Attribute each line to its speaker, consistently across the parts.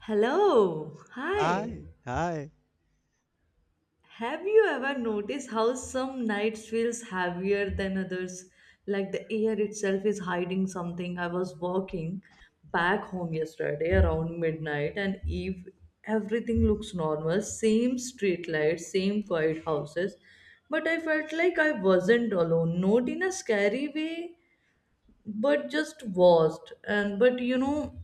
Speaker 1: Hello. Hi.
Speaker 2: Hi, hi.
Speaker 1: Have you ever noticed how some nights feels heavier than others? Like the air itself is hiding something. I was walking back home yesterday around midnight and everything looks normal, same street lights, same quiet houses, but I felt like I wasn't alone, not in a scary way, but just was. And but you know,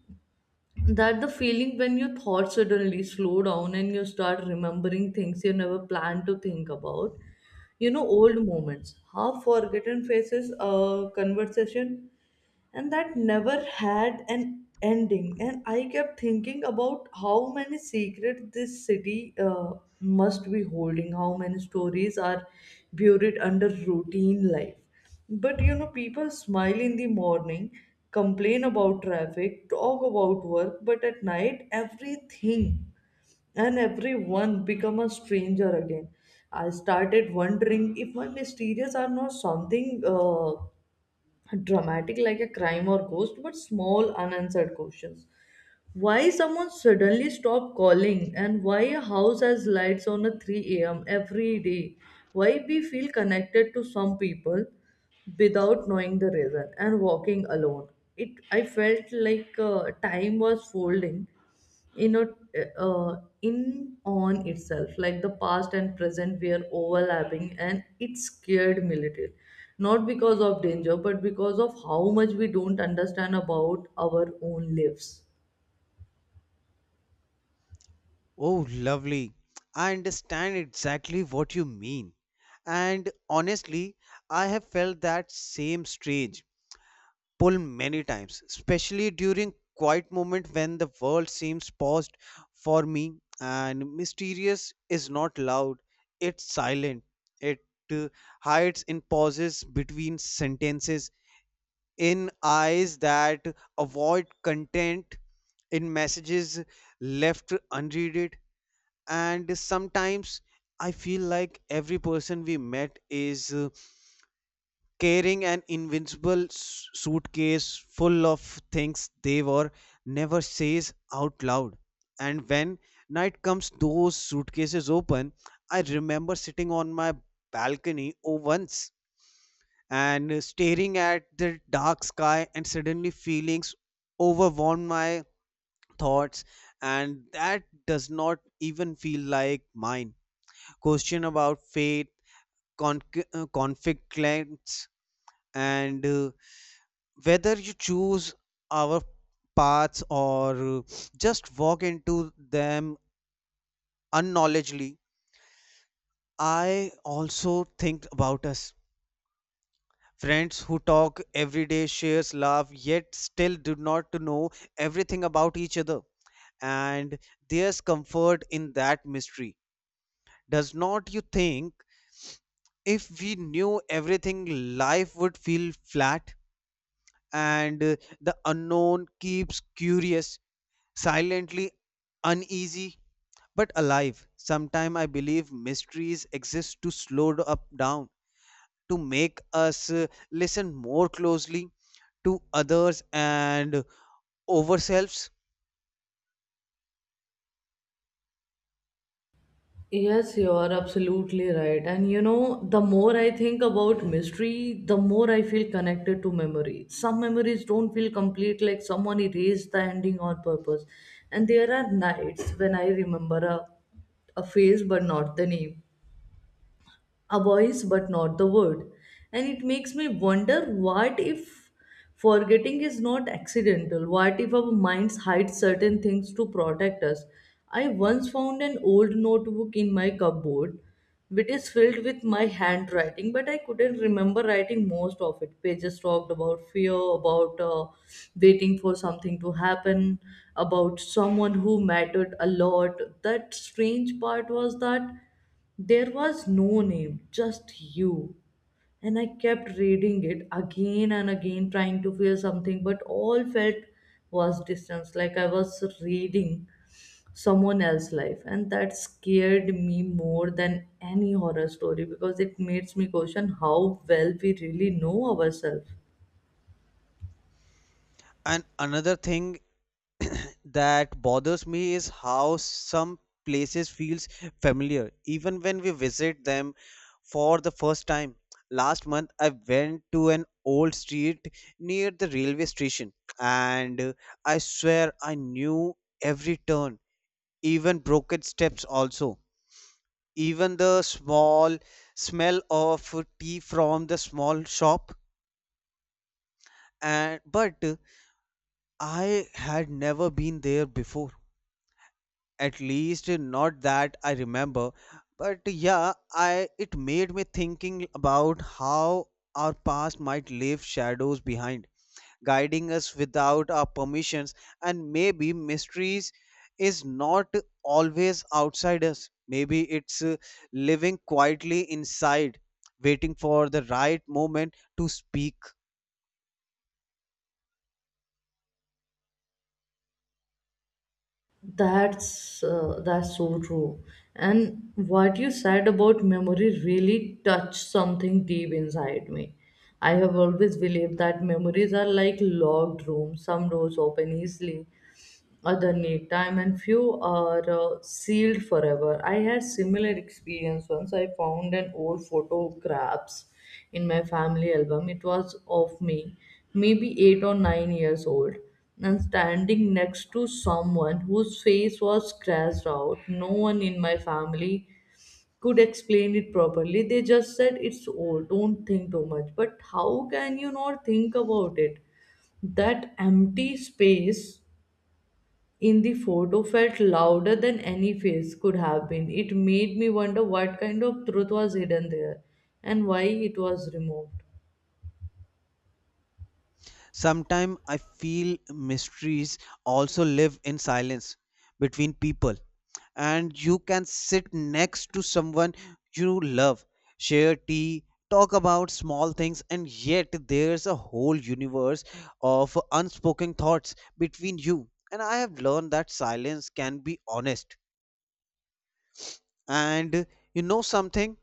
Speaker 1: that the feeling when your thoughts suddenly slow down and you start remembering things you never planned to think about old moments, half forgotten faces, conversation and that never had an ending. And I kept thinking about how many secrets this city must be holding, how many stories are buried under routine life. But you know people smile in the morning, complain about traffic, talk about work, but at night everything and everyone become a stranger again. I started wondering if my mysterious are not something dramatic like a crime or ghost, but small unanswered questions. Why someone suddenly stopped calling, and why a house has lights on at 3 a.m. every day? Why we feel connected to some people without knowing the reason and walking alone? It I felt like time was folding in a in on itself, like the past and present were overlapping, and it scared me little, not because of danger but because of how much we don't understand about our own lives.
Speaker 2: Oh, lovely. I understand exactly what you mean. And honestly, I have felt that same strange pull many times, especially during quiet moment when the world seems paused for me, and mysterious is not loud, it's silent. It uh, hides in pauses between sentences, in eyes that avoid content, in messages left unreaded, and sometimes I feel like every person we met is carrying an invincible suitcase full of things they were never says out loud, and when night comes those suitcases open. I remember sitting on my balcony oh once and staring at the dark sky and suddenly feelings overwhelmed my thoughts, and that does not even feel like mine. Question about faith, con- conflict claims, and whether you choose our paths or just walk into them unknowledgely. I also think about us. Friends who talk every day, shares, laugh, yet still do not know everything about each other. And there's comfort in that mystery. Does not you think if we knew everything, life would feel flat? And the unknown keeps curious, silently uneasy, but alive. Sometime I believe mysteries exist to slow up down, to make us listen more closely to others and ourselves.
Speaker 1: Yes, you are absolutely right. And you know, the more I think about mystery, the more I feel connected to memory. Some memories don't feel complete, like someone erased the ending on purpose. And there are nights when I remember a face but not the name, a voice but not the word, and it makes me wonder, what if forgetting is not accidental? What if our minds hide certain things to protect us? I once found an old notebook in my cupboard which is filled with my handwriting, but I couldn't remember writing most of it. Pages talked about fear, about waiting for something to happen, about someone who mattered a lot. That strange part was that there was no name, just you. And I kept reading it again and again, trying to feel something, but all felt was distance, like I was reading someone else's life. And that scared me more than any horror story, because it makes me question how well we really know ourselves.
Speaker 2: And another thing that bothers me is how some places feels familiar even when we visit them for the first time. Last month I went to an old street near the railway station and I swear I knew every turn, even broken steps also. Even the small smell of tea from the small shop, and but I had never been there before. At least not that I remember. But yeah, I it made me thinking about how our past might leave shadows behind, guiding us without our permissions, and maybe mysteries is not always outside us. Maybe it's living quietly inside, waiting for the right moment to speak.
Speaker 1: That's so true. And what you said about memory really touched something deep inside me. I have always believed that memories are like locked rooms. Some doors open easily, other need time, and few are sealed forever. I had similar experience once. I found an old photographs in my family album. It was of me, maybe 8 or 9 years old, and standing next to someone whose face was scratched out. No one in my family could explain it properly. They just said, it's old, don't think too much. But how can you not think about it? That empty space in the photo felt louder than any face could have been. It made me wonder what kind of truth was hidden there and why it was removed.
Speaker 2: Sometimes I feel mysteries also live in silence between people, and you can sit next to someone you love, share tea, talk about small things, and yet there's a whole universe of unspoken thoughts between you. And I have learned that silence can be honest. And you know something?